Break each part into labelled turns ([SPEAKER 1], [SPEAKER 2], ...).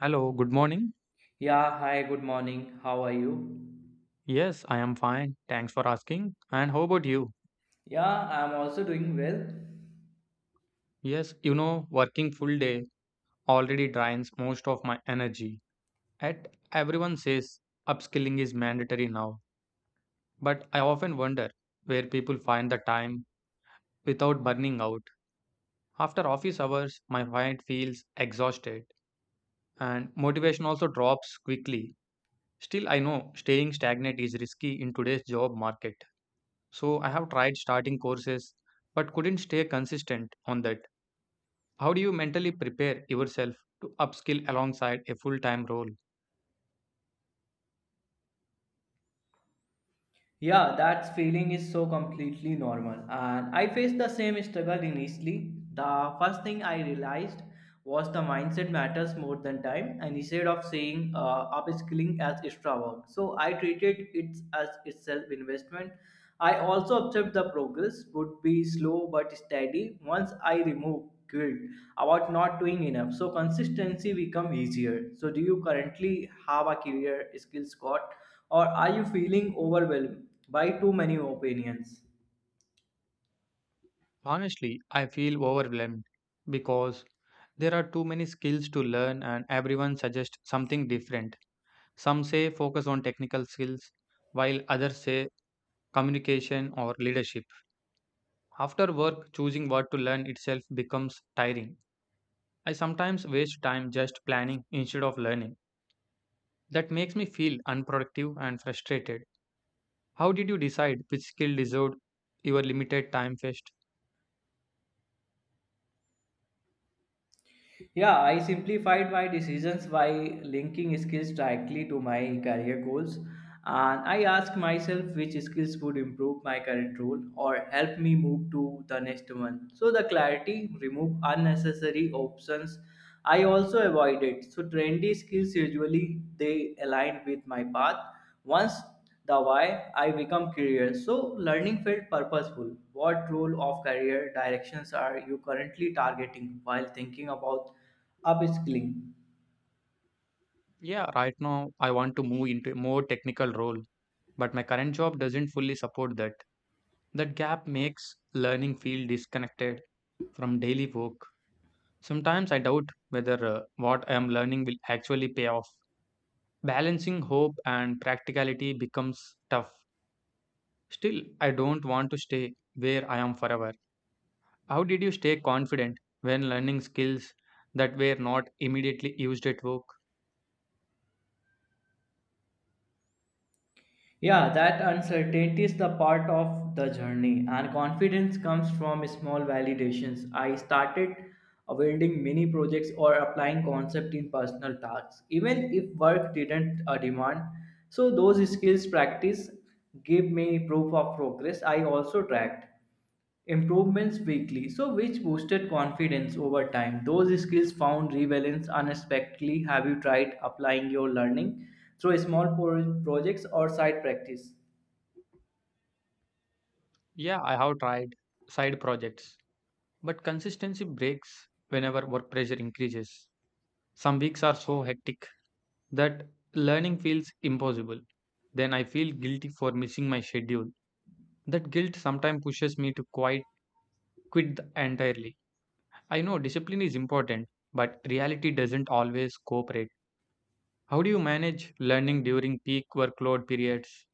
[SPEAKER 1] Hello, good morning.
[SPEAKER 2] Yeah, hi, good morning. How are you?
[SPEAKER 1] Yes, I am fine. Thanks for asking. And how about you?
[SPEAKER 2] Yeah, I'm also doing well.
[SPEAKER 1] Yes, you know, working full day already drains most of my energy. At everyone says upskilling is mandatory now, but I often wonder where people find the time without burning out. After office hours, my mind feels exhausted and motivation also drops quickly. Still, I know staying stagnant is risky in today's job market. So I have tried starting courses but couldn't stay consistent on that. How do you mentally prepare yourself to upskill alongside a full time role?
[SPEAKER 2] Yeah, that feeling is so completely normal. And I faced the same struggle initially. The first thing I realized was the mindset matters more than time. And instead of saying upskilling as extra work, so I treated it as itself investment. I also observed the progress would be slow but steady once I remove guilt about not doing enough. So consistency become easier. So do you currently have a career skills squad or are you feeling overwhelmed by too many opinions?
[SPEAKER 1] Honestly, I feel overwhelmed because there are too many skills to learn and everyone suggests something different. Some say focus on technical skills, while others say communication or leadership. After work, choosing what to learn itself becomes tiring. I sometimes waste time just planning instead of learning. That makes me feel unproductive and frustrated. How did you decide which skill deserved your limited time first?
[SPEAKER 2] Yeah, I simplified my decisions by linking skills directly to my career goals. And I asked myself which skills would improve my current role or help me move to the next one. So the clarity remove unnecessary options. I also avoid it. So trendy skills usually they align with my path. Once the why, I become curious. So learning felt purposeful. What role of career directions are you currently targeting while thinking about upskilling?
[SPEAKER 1] Yeah, right now I want to move into a more technical role, but my current job doesn't fully support that. That gap makes learning feel disconnected from daily work. Sometimes I doubt whether what I am learning will actually pay off. Balancing hope and practicality becomes tough. Still, I don't want to stay where I am forever. How did you stay confident when learning skills that were not immediately used at work?
[SPEAKER 2] Yeah, that uncertainty is the part of the journey, and confidence comes from small validations. I started building mini projects or applying concept in personal tasks, even if work didn't demand. So those skills practice gave me proof of progress. I also tracked improvements weekly, so which boosted confidence over time. Those skills found relevance unexpectedly. Have you tried applying your learning through small projects or side practice?
[SPEAKER 1] Yeah, I have tried side projects, but consistency breaks whenever work pressure increases. Some weeks are so hectic that learning feels impossible. Then I feel guilty for missing my schedule. That guilt sometimes pushes me to quit entirely. I know discipline is important, but reality doesn't always cooperate. How do you manage learning during peak workload periods?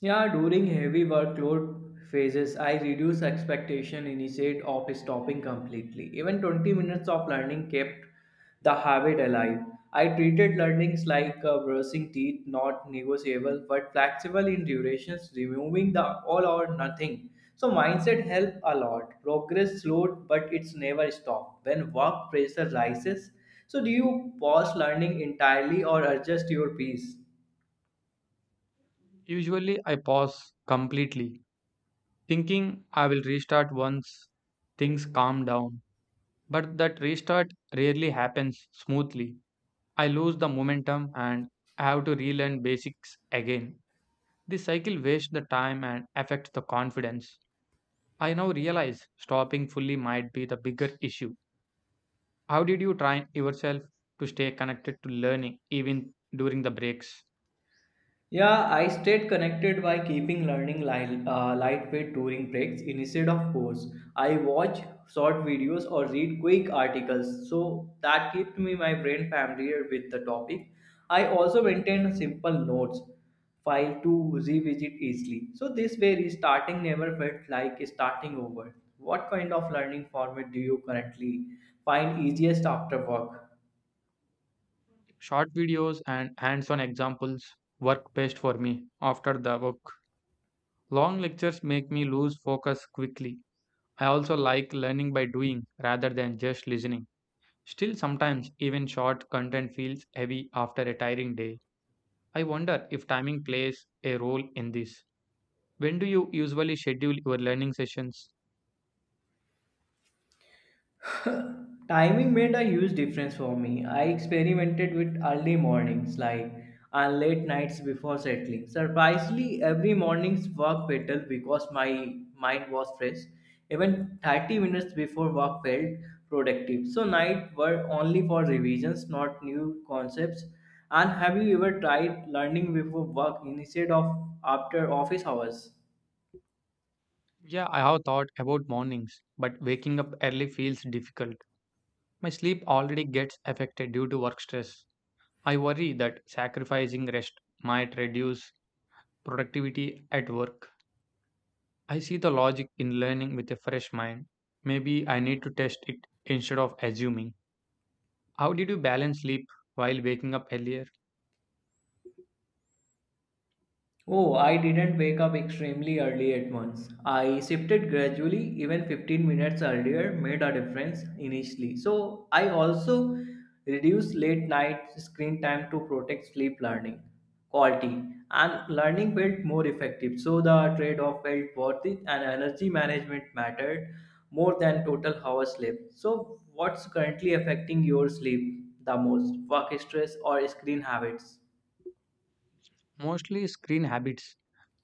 [SPEAKER 2] Yeah, during heavy workload phases, I reduce expectation instead of stopping completely. Even 20 minutes of learning kept the habit alive. I treated learnings like brushing teeth, not negotiable but flexible in durations, removing the all or nothing. So mindset helped a lot. Progress slowed, but it's never stopped. When work pressure rises, so do you pause learning entirely or adjust your pace?
[SPEAKER 1] Usually, I pause completely, thinking I will restart once things calm down. But that restart rarely happens smoothly. I lose the momentum and I have to relearn basics again. This cycle wastes the time and affects the confidence. I now realize stopping fully might be the bigger issue. How did you train yourself to stay connected to learning even during the breaks?
[SPEAKER 2] Yeah, I stayed connected by keeping learning lightweight during breaks instead of course. I watch short videos or read quick articles, so that kept me my brain familiar with the topic. I also maintained simple notes file to revisit easily. So this way, restarting never felt like starting over. What kind of learning format do you currently find easiest after work?
[SPEAKER 1] Short videos and hands on examples work best for me after the work. Long lectures make me lose focus quickly. I also like learning by doing rather than just listening. Still, sometimes even short content feels heavy after a tiring day. I wonder if timing plays a role in this. When do you usually schedule your learning sessions?
[SPEAKER 2] Timing made a huge difference for me. I experimented with early mornings, like and late nights before settling. Surprisingly, every morning's work better because my mind was fresh. Even 30 minutes before work felt productive. So night were only for revisions, not new concepts. And have you ever tried learning before work instead of after office hours?
[SPEAKER 1] Yeah, I have thought about mornings, but waking up early feels difficult. My sleep already gets affected due to work stress. I worry that sacrificing rest might reduce productivity at work. I see the logic in learning with a fresh mind. Maybe I need to test it instead of assuming. How did you balance sleep while waking up earlier?
[SPEAKER 2] Oh, I didn't wake up extremely early at once. I shifted gradually, even 15 minutes earlier made a difference initially. So, I also reduced late night screen time to protect sleep learning quality and learning felt more effective. So, the trade off felt worth it and energy management mattered more than total hour sleep. So, what's currently affecting your sleep the most? Work stress or screen habits?
[SPEAKER 1] Mostly screen habits,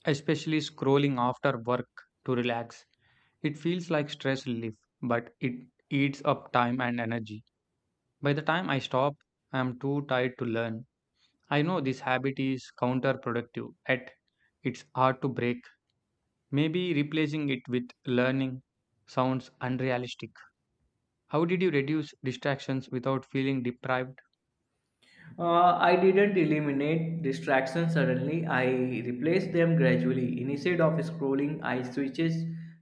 [SPEAKER 1] especially scrolling after work to relax. It feels like stress relief, but it eats up time and energy. By the time I stop, I am too tired to learn. I know this habit is counterproductive, yet it's hard to break. Maybe replacing it with learning sounds unrealistic. How did you reduce distractions without feeling deprived?
[SPEAKER 2] I didn't eliminate distractions suddenly. I replaced them gradually. Instead of scrolling, I switches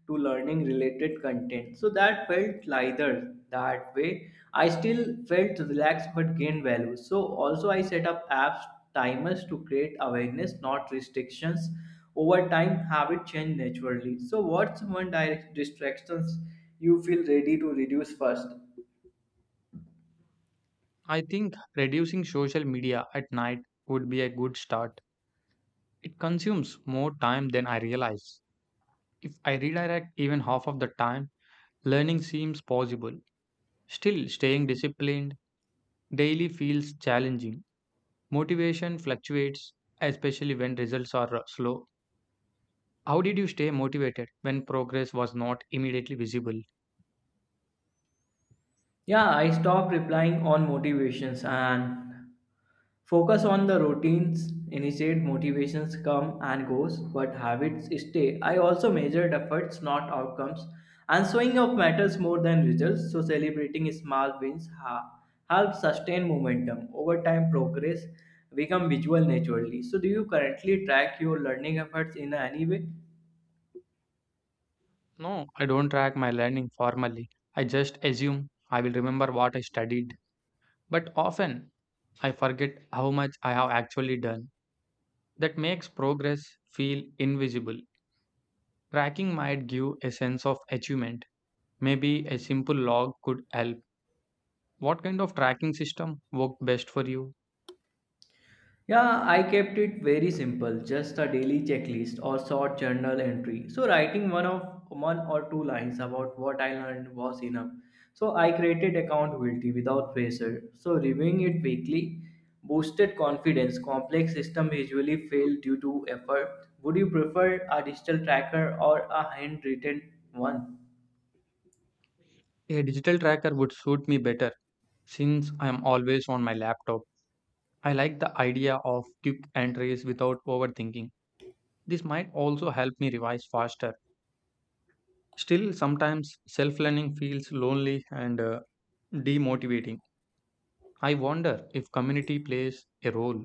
[SPEAKER 2] to learning related content. So that felt lighter that way. I still felt relaxed but gained value. So also I set up apps timers to create awareness, not restrictions. Over time, habit changed naturally. So what's one direct distractions you feel ready to reduce first?
[SPEAKER 1] I think reducing social media at night would be a good start. It consumes more time than I realize. If I redirect even half of the time, learning seems possible. Still, staying disciplined daily feels challenging. Motivation fluctuates, especially when results are slow. How did you stay motivated when progress was not immediately visible?
[SPEAKER 2] Yeah, I stopped replying on motivations and focus on the routines. Initiate motivations come and goes, but habits stay. I also measured efforts, not outcomes, and showing up matters more than results. So celebrating small wins helps sustain momentum. Over time, progress become visual naturally. So do you currently track your learning efforts in any way?
[SPEAKER 1] No, I don't track my learning formally. I just assume I will remember what I studied. But often I forget how much I have actually done. That makes progress feel invisible. Tracking might give a sense of achievement. Maybe a simple log could help. What kind of tracking system worked best for you?
[SPEAKER 2] Yeah, I kept it very simple, just a daily checklist or short journal entry. So writing one of one or two lines about what I learned was enough. So I created accountability without pressure. So reviewing it weekly boosted confidence. Complex system usually fail due to effort. Would you prefer a digital tracker or a handwritten one?
[SPEAKER 1] A digital tracker would suit me better since I am always on my laptop. I like the idea of quick entries without overthinking. This might also help me revise faster. Still, sometimes self learning feels lonely and demotivating. I wonder if community plays a role.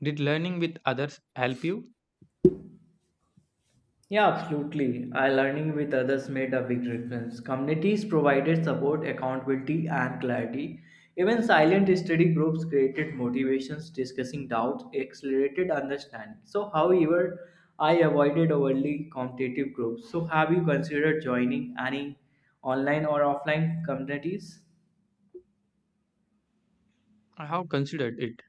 [SPEAKER 1] Did learning with others help you?
[SPEAKER 2] Yeah, absolutely. I learning with others made a big difference. Communities provided support, accountability, and clarity. Even silent study groups created motivations, discussing doubts, accelerated understanding. So, however, I avoided overly competitive groups. So, have you considered joining any online or offline communities?
[SPEAKER 1] I have considered it,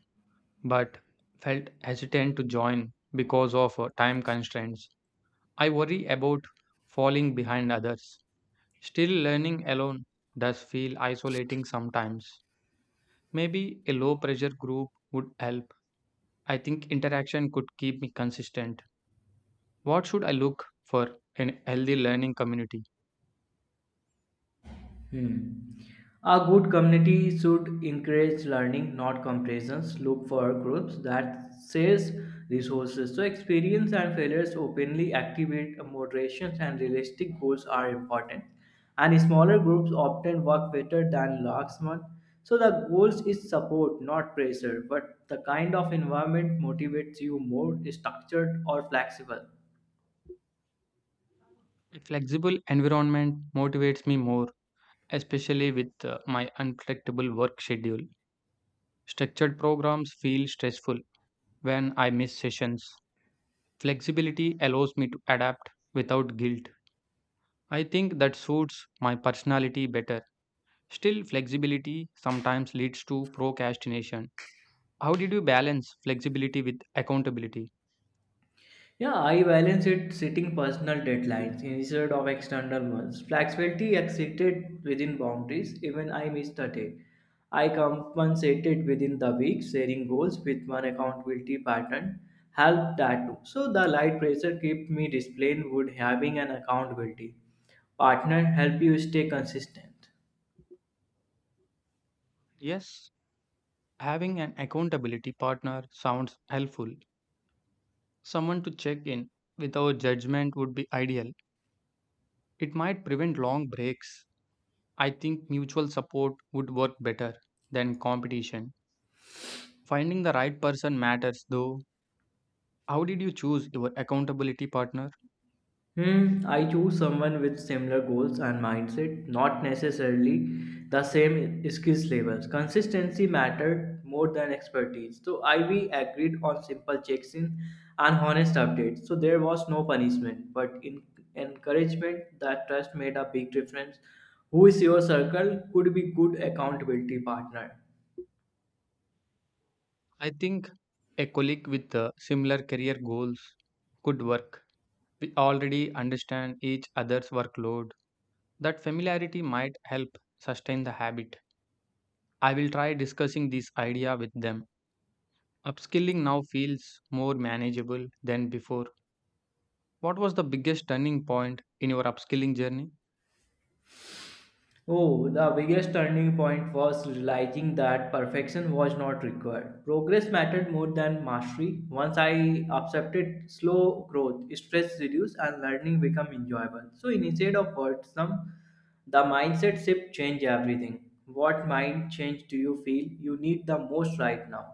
[SPEAKER 1] but felt hesitant to join because of time constraints. I worry about falling behind others. Still, learning alone does feel isolating sometimes. Maybe a low pressure group would help. I think interaction could keep me consistent. What should I look for in a healthy learning community?
[SPEAKER 2] Hmm. A good community should encourage learning, not comparisons. Look for groups that shares resources. So experience and failures openly activate moderations and realistic goals are important. And smaller groups often work better than large ones. So the goals is support, not pressure, but the kind of environment motivates you more structured or flexible.
[SPEAKER 1] A flexible environment motivates me more, especially with my unpredictable work schedule. Structured programs feel stressful when I miss sessions. Flexibility allows me to adapt without guilt. I think that suits my personality better. Still, flexibility sometimes leads to procrastination. How did you balance flexibility with accountability?
[SPEAKER 2] Yeah, I balance it setting personal deadlines instead of external ones. Flexibility exceeded within boundaries, even I missed a day. I compensated within the week, sharing goals with one accountability pattern helped that too. So the light pressure kept me disciplined would having an accountability partner help you stay consistent.
[SPEAKER 1] Yes, having an accountability partner sounds helpful. Someone to check in without judgment would be ideal. It might prevent long breaks. I think mutual support would work better than competition. Finding the right person matters though. How did you choose your accountability partner?
[SPEAKER 2] Hmm, I choose someone with similar goals and mindset, not necessarily the same skills levels. Consistency mattered more than expertise. So I we agreed on simple checks-in and honest updates. So there was no punishment, but in encouragement that trust made a big difference. Who is your circle could be good accountability partner.
[SPEAKER 1] I think a colleague with similar career goals could work. We already understand each other's workload. That familiarity might help sustain the habit. I will try discussing this idea with them. Upskilling now feels more manageable than before. What was the biggest turning point in your upskilling journey?
[SPEAKER 2] Oh, the biggest turning point was realizing that perfection was not required. Progress mattered more than mastery. Once I accepted slow growth, stress reduced, and learning became enjoyable. So instead of wordsome, the mindset shift changed everything. What mind change do you feel you need the most right now?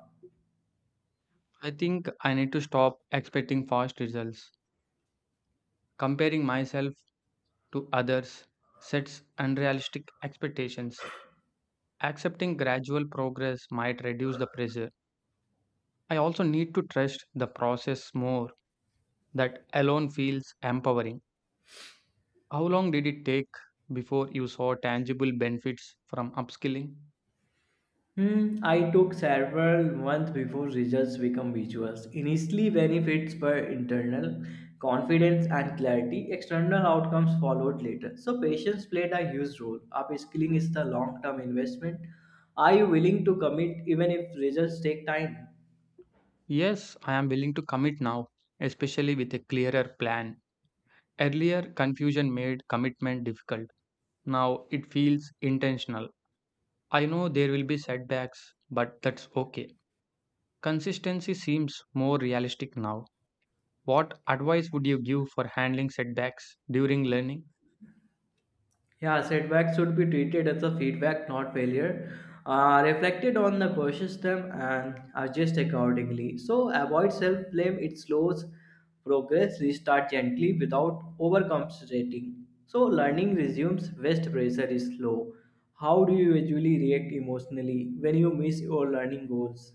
[SPEAKER 1] I think I need to stop expecting fast results. Comparing myself to others sets unrealistic expectations. Accepting gradual progress might reduce the pressure. I also need to trust the process more. That alone feels empowering. How long did it take before you saw tangible benefits from upskilling?
[SPEAKER 2] Hmm, I took several months before results become visuals. Initially, benefits were internal, confidence and clarity. External outcomes followed later. So, patience played a huge role. Upskilling is the long term investment. Are you willing to commit even if results take time?
[SPEAKER 1] Yes, I am willing to commit now, especially with a clearer plan. Earlier, confusion made commitment difficult. Now it feels intentional. I know there will be setbacks, but that's okay. Consistency seems more realistic now. What advice would you give for handling setbacks during learning?
[SPEAKER 2] Yeah, setbacks should be treated as a feedback, not failure. Reflected on the core system and adjust accordingly. So avoid self-blame. It slows progress. Restart gently without overcompensating. So learning resumes. Waste pressure is low. How do you usually react emotionally when you miss your learning goals?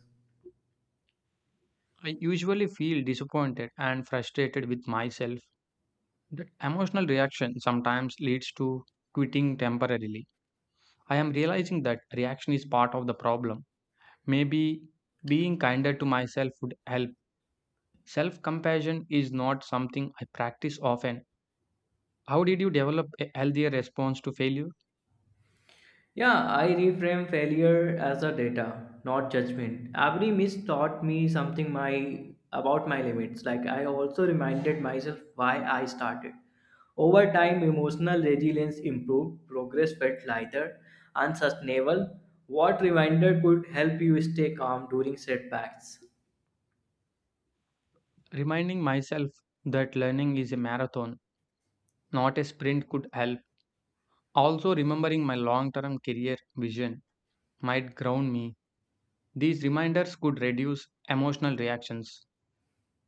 [SPEAKER 1] I usually feel disappointed and frustrated with myself. That emotional reaction sometimes leads to quitting temporarily. I am realizing that reaction is part of the problem. Maybe being kinder to myself would help. Self compassion is not something I practice often. How did you develop a healthier response to failure?
[SPEAKER 2] Yeah, I reframe failure as a data, not judgment. Every miss taught me something my about my limits. Like I also reminded myself why I started. Over time, emotional resilience improved, progress felt lighter and sustainable. What reminder could help you stay calm during setbacks?
[SPEAKER 1] Reminding myself that learning is a marathon, not a sprint, could help. Also, remembering my long term career vision might ground me. These reminders could reduce emotional reactions.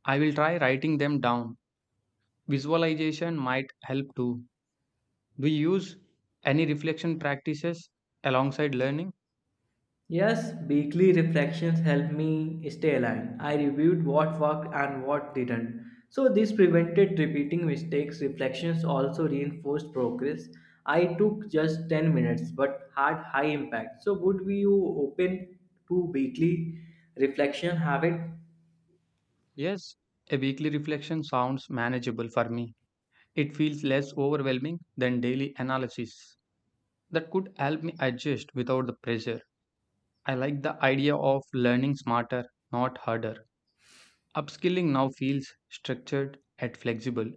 [SPEAKER 1] I will try writing them down. Visualization might help too. Do you use any reflection practices alongside learning?
[SPEAKER 2] Yes, weekly reflections helped me stay aligned. I reviewed what worked and what didn't. So, this prevented repeating mistakes. Reflections also reinforced progress. I took just 10 minutes but had high impact. So, would you open to weekly reflection habit?
[SPEAKER 1] Yes, a weekly reflection sounds manageable for me. It feels less overwhelming than daily analysis. That could help me adjust without the pressure. I like the idea of learning smarter, not harder. Upskilling now feels structured and flexible.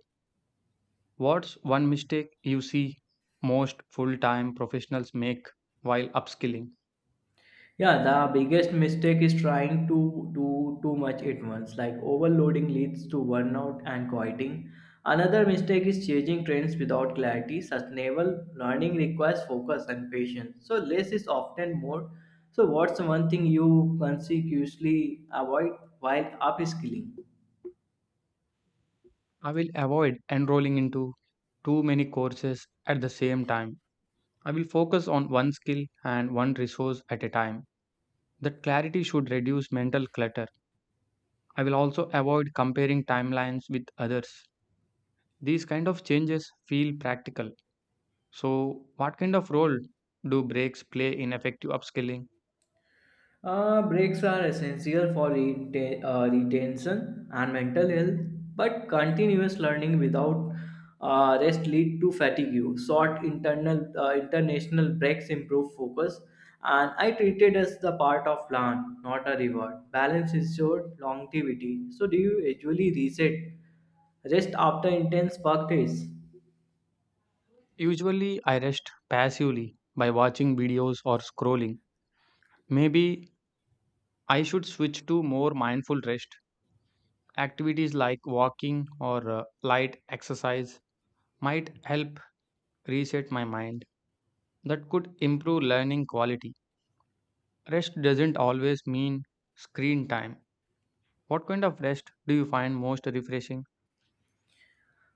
[SPEAKER 1] What's one mistake you see most full time professionals make while upskilling?
[SPEAKER 2] Yeah, the biggest mistake is trying to do too much at once. Like overloading leads to burnout and quieting. Another mistake is changing trends without clarity. Sustainable learning requires focus and patience. So less is often more. So what's one thing you consciously avoid while upskilling?
[SPEAKER 1] I will avoid enrolling into too many courses at the same time. I will focus on one skill and one resource at a time. That clarity should reduce mental clutter. I will also avoid comparing timelines with others. These kind of changes feel practical. So, what kind of role do breaks play in effective upskilling?
[SPEAKER 2] Breaks are essential for retention and mental health, but continuous learning without rest lead to fatigue. Short internal international breaks improve focus, and I treat it as the part of plan, not a reward. Balance is short longevity. So, do you usually reset rest after intense work days?
[SPEAKER 1] Usually, I rest passively by watching videos or scrolling. Maybe I should switch to more mindful rest. Activities like walking or light exercise might help reset my mind. That could improve learning quality. Rest doesn't always mean screen time. What kind of rest do you find most refreshing?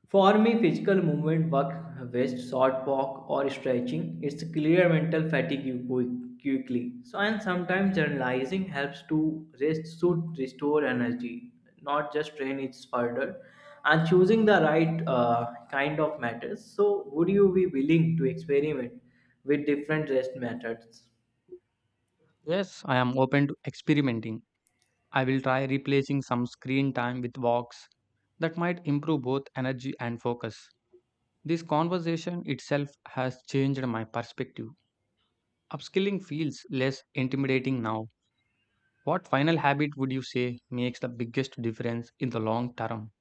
[SPEAKER 2] For me, physical movement, work, rest, short walk, or stretching, it's clear mental fatigue quickly. So, and sometimes generalizing helps to rest should restore energy, not just train it further. And choosing the right kind of matters. So, would you be willing to experiment with different rest methods?
[SPEAKER 1] Yes, I am open to experimenting. I will try replacing some screen time with walks that might improve both energy and focus. This conversation itself has changed my perspective. Upskilling feels less intimidating now. What final habit would you say makes the biggest difference in the long term?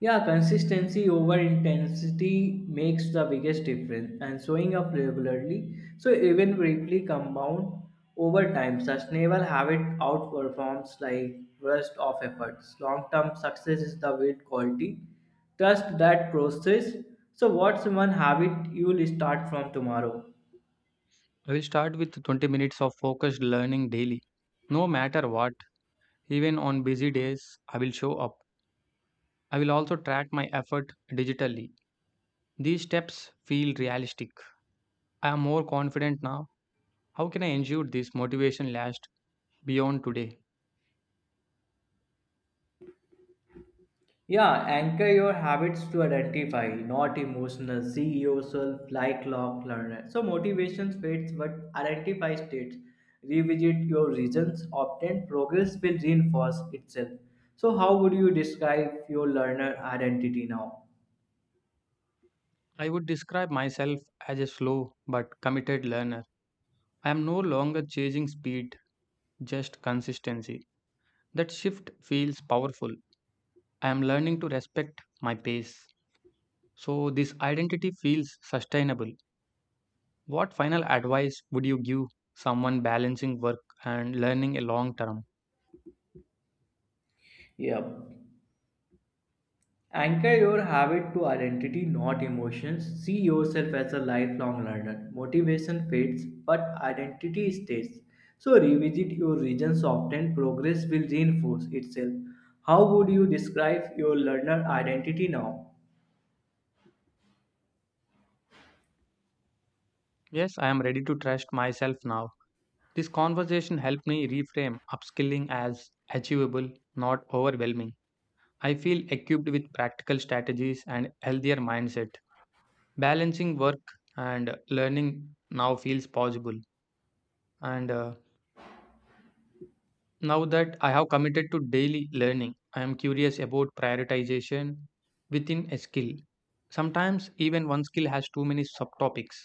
[SPEAKER 2] Yeah, consistency over intensity makes the biggest difference and showing up regularly. So even briefly compound over time, sustainable habit outperforms like rest of efforts. Long-term success is the weight quality. Trust that process. So what's one habit you'll start from tomorrow?
[SPEAKER 1] I will start with 20 minutes of focused learning daily. No matter what. Even on busy days, I will show up. I will also track my effort digitally. These steps feel realistic. I am more confident now. How can I ensure this motivation lasts beyond today?
[SPEAKER 2] Yeah, anchor your habits to identify, not emotional. See yourself like clock learner. So motivation fades, but identify states. Revisit your reasons. Obtain progress will reinforce itself. So how would you describe your learner identity now?
[SPEAKER 1] I would describe myself as a slow but committed learner. I am no longer chasing speed, just consistency. That shift feels powerful. I am learning to respect my pace. So, this identity feels sustainable. What final advice would you give someone balancing work and learning a long term?
[SPEAKER 2] Yep. Anchor your habit to identity, not emotions. See yourself as a lifelong learner. Motivation fades, but identity stays. So revisit your regions often. Progress will reinforce itself. How would you describe your learner identity now?
[SPEAKER 1] Yes, I am ready to trust myself now. This conversation helped me reframe upskilling as achievable, not overwhelming. I feel equipped with practical strategies and healthier mindset. Balancing work and learning now feels possible and Now that I have committed to daily learning, I am curious about prioritization within a skill. Sometimes, even one skill has too many subtopics.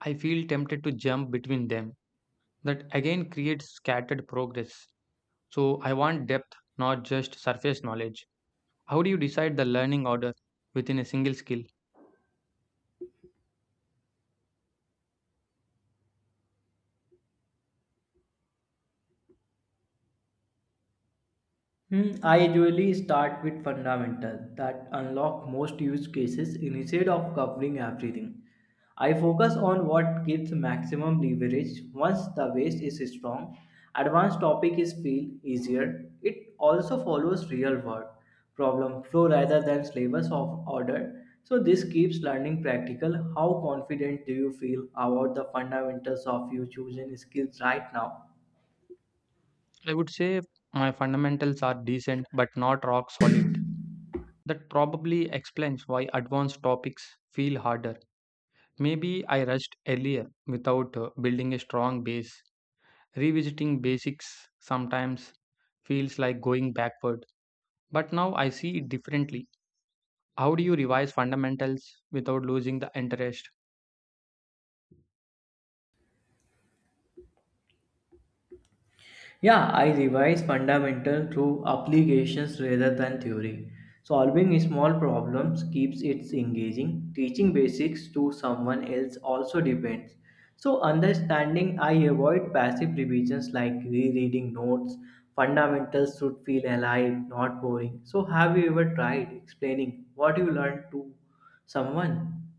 [SPEAKER 1] I feel tempted to jump between them. That again creates scattered progress. So, I want depth, not just surface knowledge. How do you decide the learning order within a single skill?
[SPEAKER 2] Hmm, I usually start with fundamental that unlock most use cases instead of covering everything. I focus on what gives maximum leverage once the base is strong. Advanced topic is feel easier. It also follows real world problem flow rather than slavers of order. So this keeps learning practical. How confident do you feel about the fundamentals of your chosen skills right now?
[SPEAKER 1] I would say my fundamentals are decent but not rock solid. That probably explains why advanced topics feel harder. Maybe I rushed earlier without building a strong base. Revisiting basics sometimes feels like going backward, but now I see it differently. How do you revise fundamentals without losing the interest?
[SPEAKER 2] Yeah, I revise fundamental through applications rather than theory. Solving small problems keeps it engaging. Teaching basics to someone else also depends. So, understanding, I avoid passive revisions like rereading notes. Fundamentals should feel alive, not boring. So, have you ever tried explaining what you learned to someone?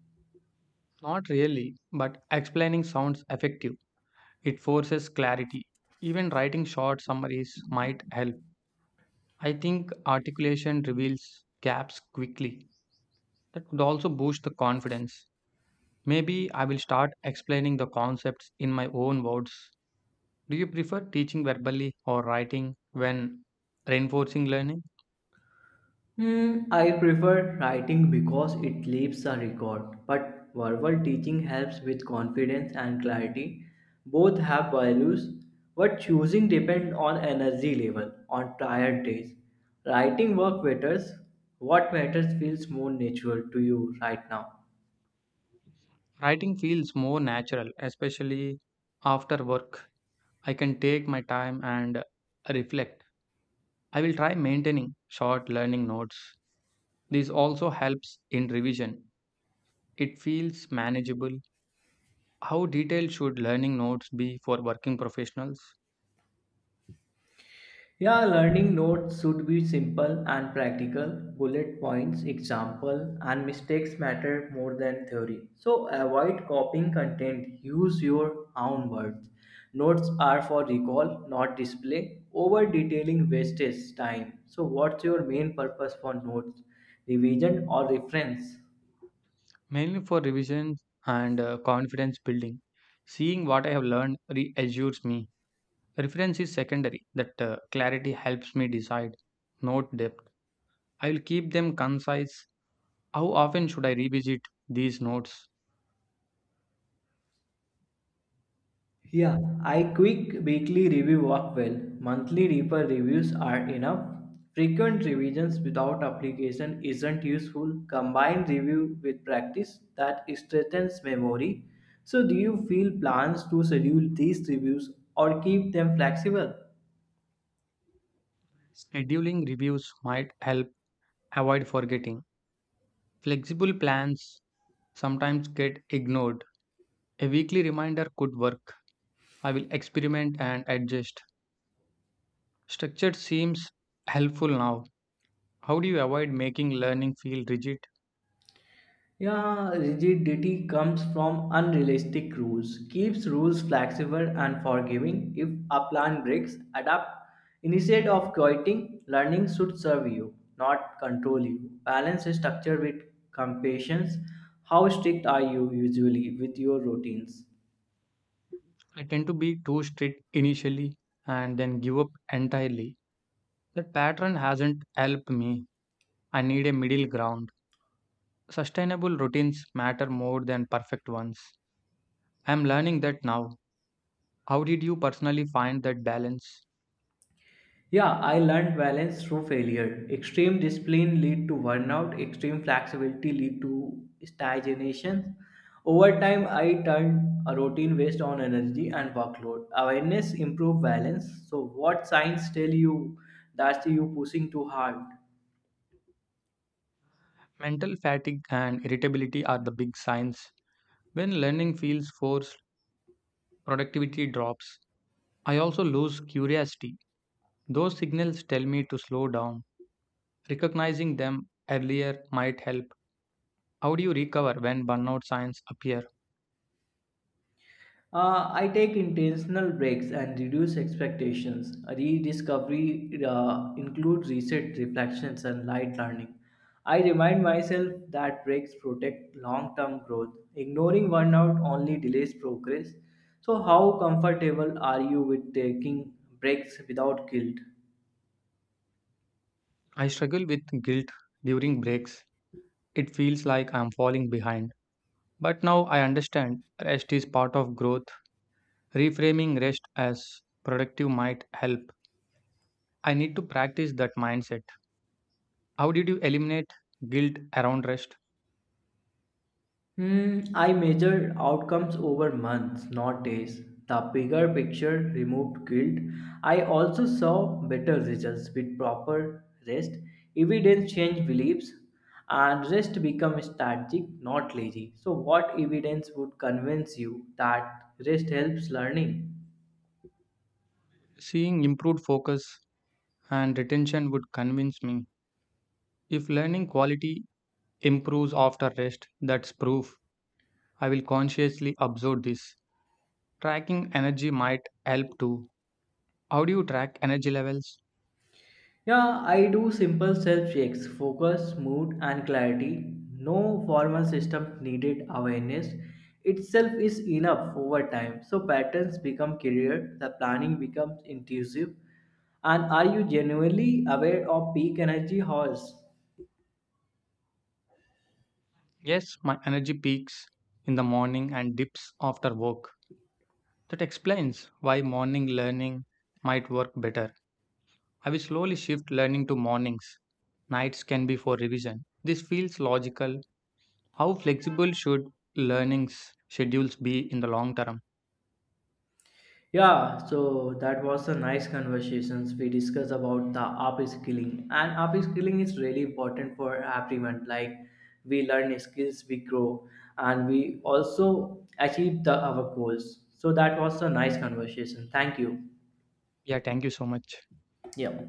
[SPEAKER 1] Not really, but explaining sounds effective. It forces clarity. Even writing short summaries might help. I think articulation reveals gaps quickly. That could also boost the confidence. Maybe I will start explaining the concepts in my own words. Do you prefer teaching verbally or writing when reinforcing learning?
[SPEAKER 2] Hmm, I prefer writing because it leaves a record, but verbal teaching helps with confidence and clarity. Both have values, but choosing depends on energy level on tired days. Writing work matters. What matters feels more natural to you right now.
[SPEAKER 1] Writing feels more natural, especially after work. I can take my time and reflect. I will try maintaining short learning notes. This also helps in revision. It feels manageable. How detailed should learning notes be for working professionals?
[SPEAKER 2] Yeah, learning notes should be simple and practical. Bullet points, example, and mistakes matter more than theory. So avoid copying content. Use your own words. Notes are for recall, not display. Over detailing wastes time. So what's your main purpose for notes? Revision or reference?
[SPEAKER 1] Mainly for revision and confidence building. Seeing what I have learned reassures me. Reference is secondary, that clarity helps me decide, not depth. I will keep them concise. How often should I revisit these notes?
[SPEAKER 2] Yeah, I quick weekly review work well. Monthly deeper reviews are enough. Frequent revisions without application isn't useful. Combine review with practice that strengthens memory. So do you feel plans to schedule these reviews or keep them flexible?
[SPEAKER 1] Scheduling reviews might help avoid forgetting. Flexible plans sometimes get ignored. A weekly reminder could work. I will experiment and adjust. Structure seems helpful now. How do you avoid making learning feel rigid?
[SPEAKER 2] Yeah, rigidity comes from unrealistic rules, keeps rules flexible and forgiving. If a plan breaks, adapt. Instead of quitting, learning should serve you, not control you. Balance structure with compassion. How strict are you usually with your routines?
[SPEAKER 1] I tend to be too strict initially and then give up entirely. That pattern hasn't helped me. I need a middle ground. Sustainable routines matter more than perfect ones. I'm learning that now. How did you personally find that balance?
[SPEAKER 2] Yeah, I learned balance through failure. Extreme discipline lead to burnout, extreme flexibility lead to stagnation. Over time, I turned a routine based on energy and workload. Awareness improve balance. So what signs tell you that you pushing too hard?
[SPEAKER 1] Mental fatigue and irritability are the big signs. When learning feels forced, productivity drops. I also lose curiosity. Those signals tell me to slow down. Recognizing them earlier might help. How do you recover when burnout signs appear?
[SPEAKER 2] I take intentional breaks and reduce expectations. Rediscovery includes reset, reflections, and light learning. I remind myself that breaks protect long term growth. Ignoring burnout only delays progress. So, how comfortable are you with taking breaks without guilt?
[SPEAKER 1] I struggle with guilt during breaks. It feels like I'm falling behind. But now I understand rest is part of growth. Reframing rest as productive might help. I need to practice that mindset. How did you eliminate guilt around rest?
[SPEAKER 2] Hmm, I measure outcomes over months, not days. The bigger picture removed guilt. I also saw better results with proper rest. Evidence changed beliefs, and rest become strategic, not lazy. So, what evidence would convince you that rest helps learning?
[SPEAKER 1] Seeing improved focus and retention would convince me. If learning quality improves after rest, that's proof. I will consciously observe this. Tracking energy might help too. How do you track energy levels?
[SPEAKER 2] Yeah, I do simple self checks, focus, mood, and clarity. No formal system needed, awareness itself is enough over time. So patterns become clear, the planning becomes intuitive. And are you genuinely aware of peak energy hours?
[SPEAKER 1] Yes, my energy peaks in the morning and dips after work. That explains why morning learning might work better. I will slowly shift learning to mornings. Nights can be for revision. This feels logical. How flexible should learning's schedules be in the long term?
[SPEAKER 2] Yeah, so that was a nice conversations. We discussed about the upskilling and upskilling is really important for everyone. Like we learn skills, we grow, and we also achieve the our goals. So that was a nice conversation. Thank you.
[SPEAKER 1] Yeah, thank you so much.
[SPEAKER 2] Yeah.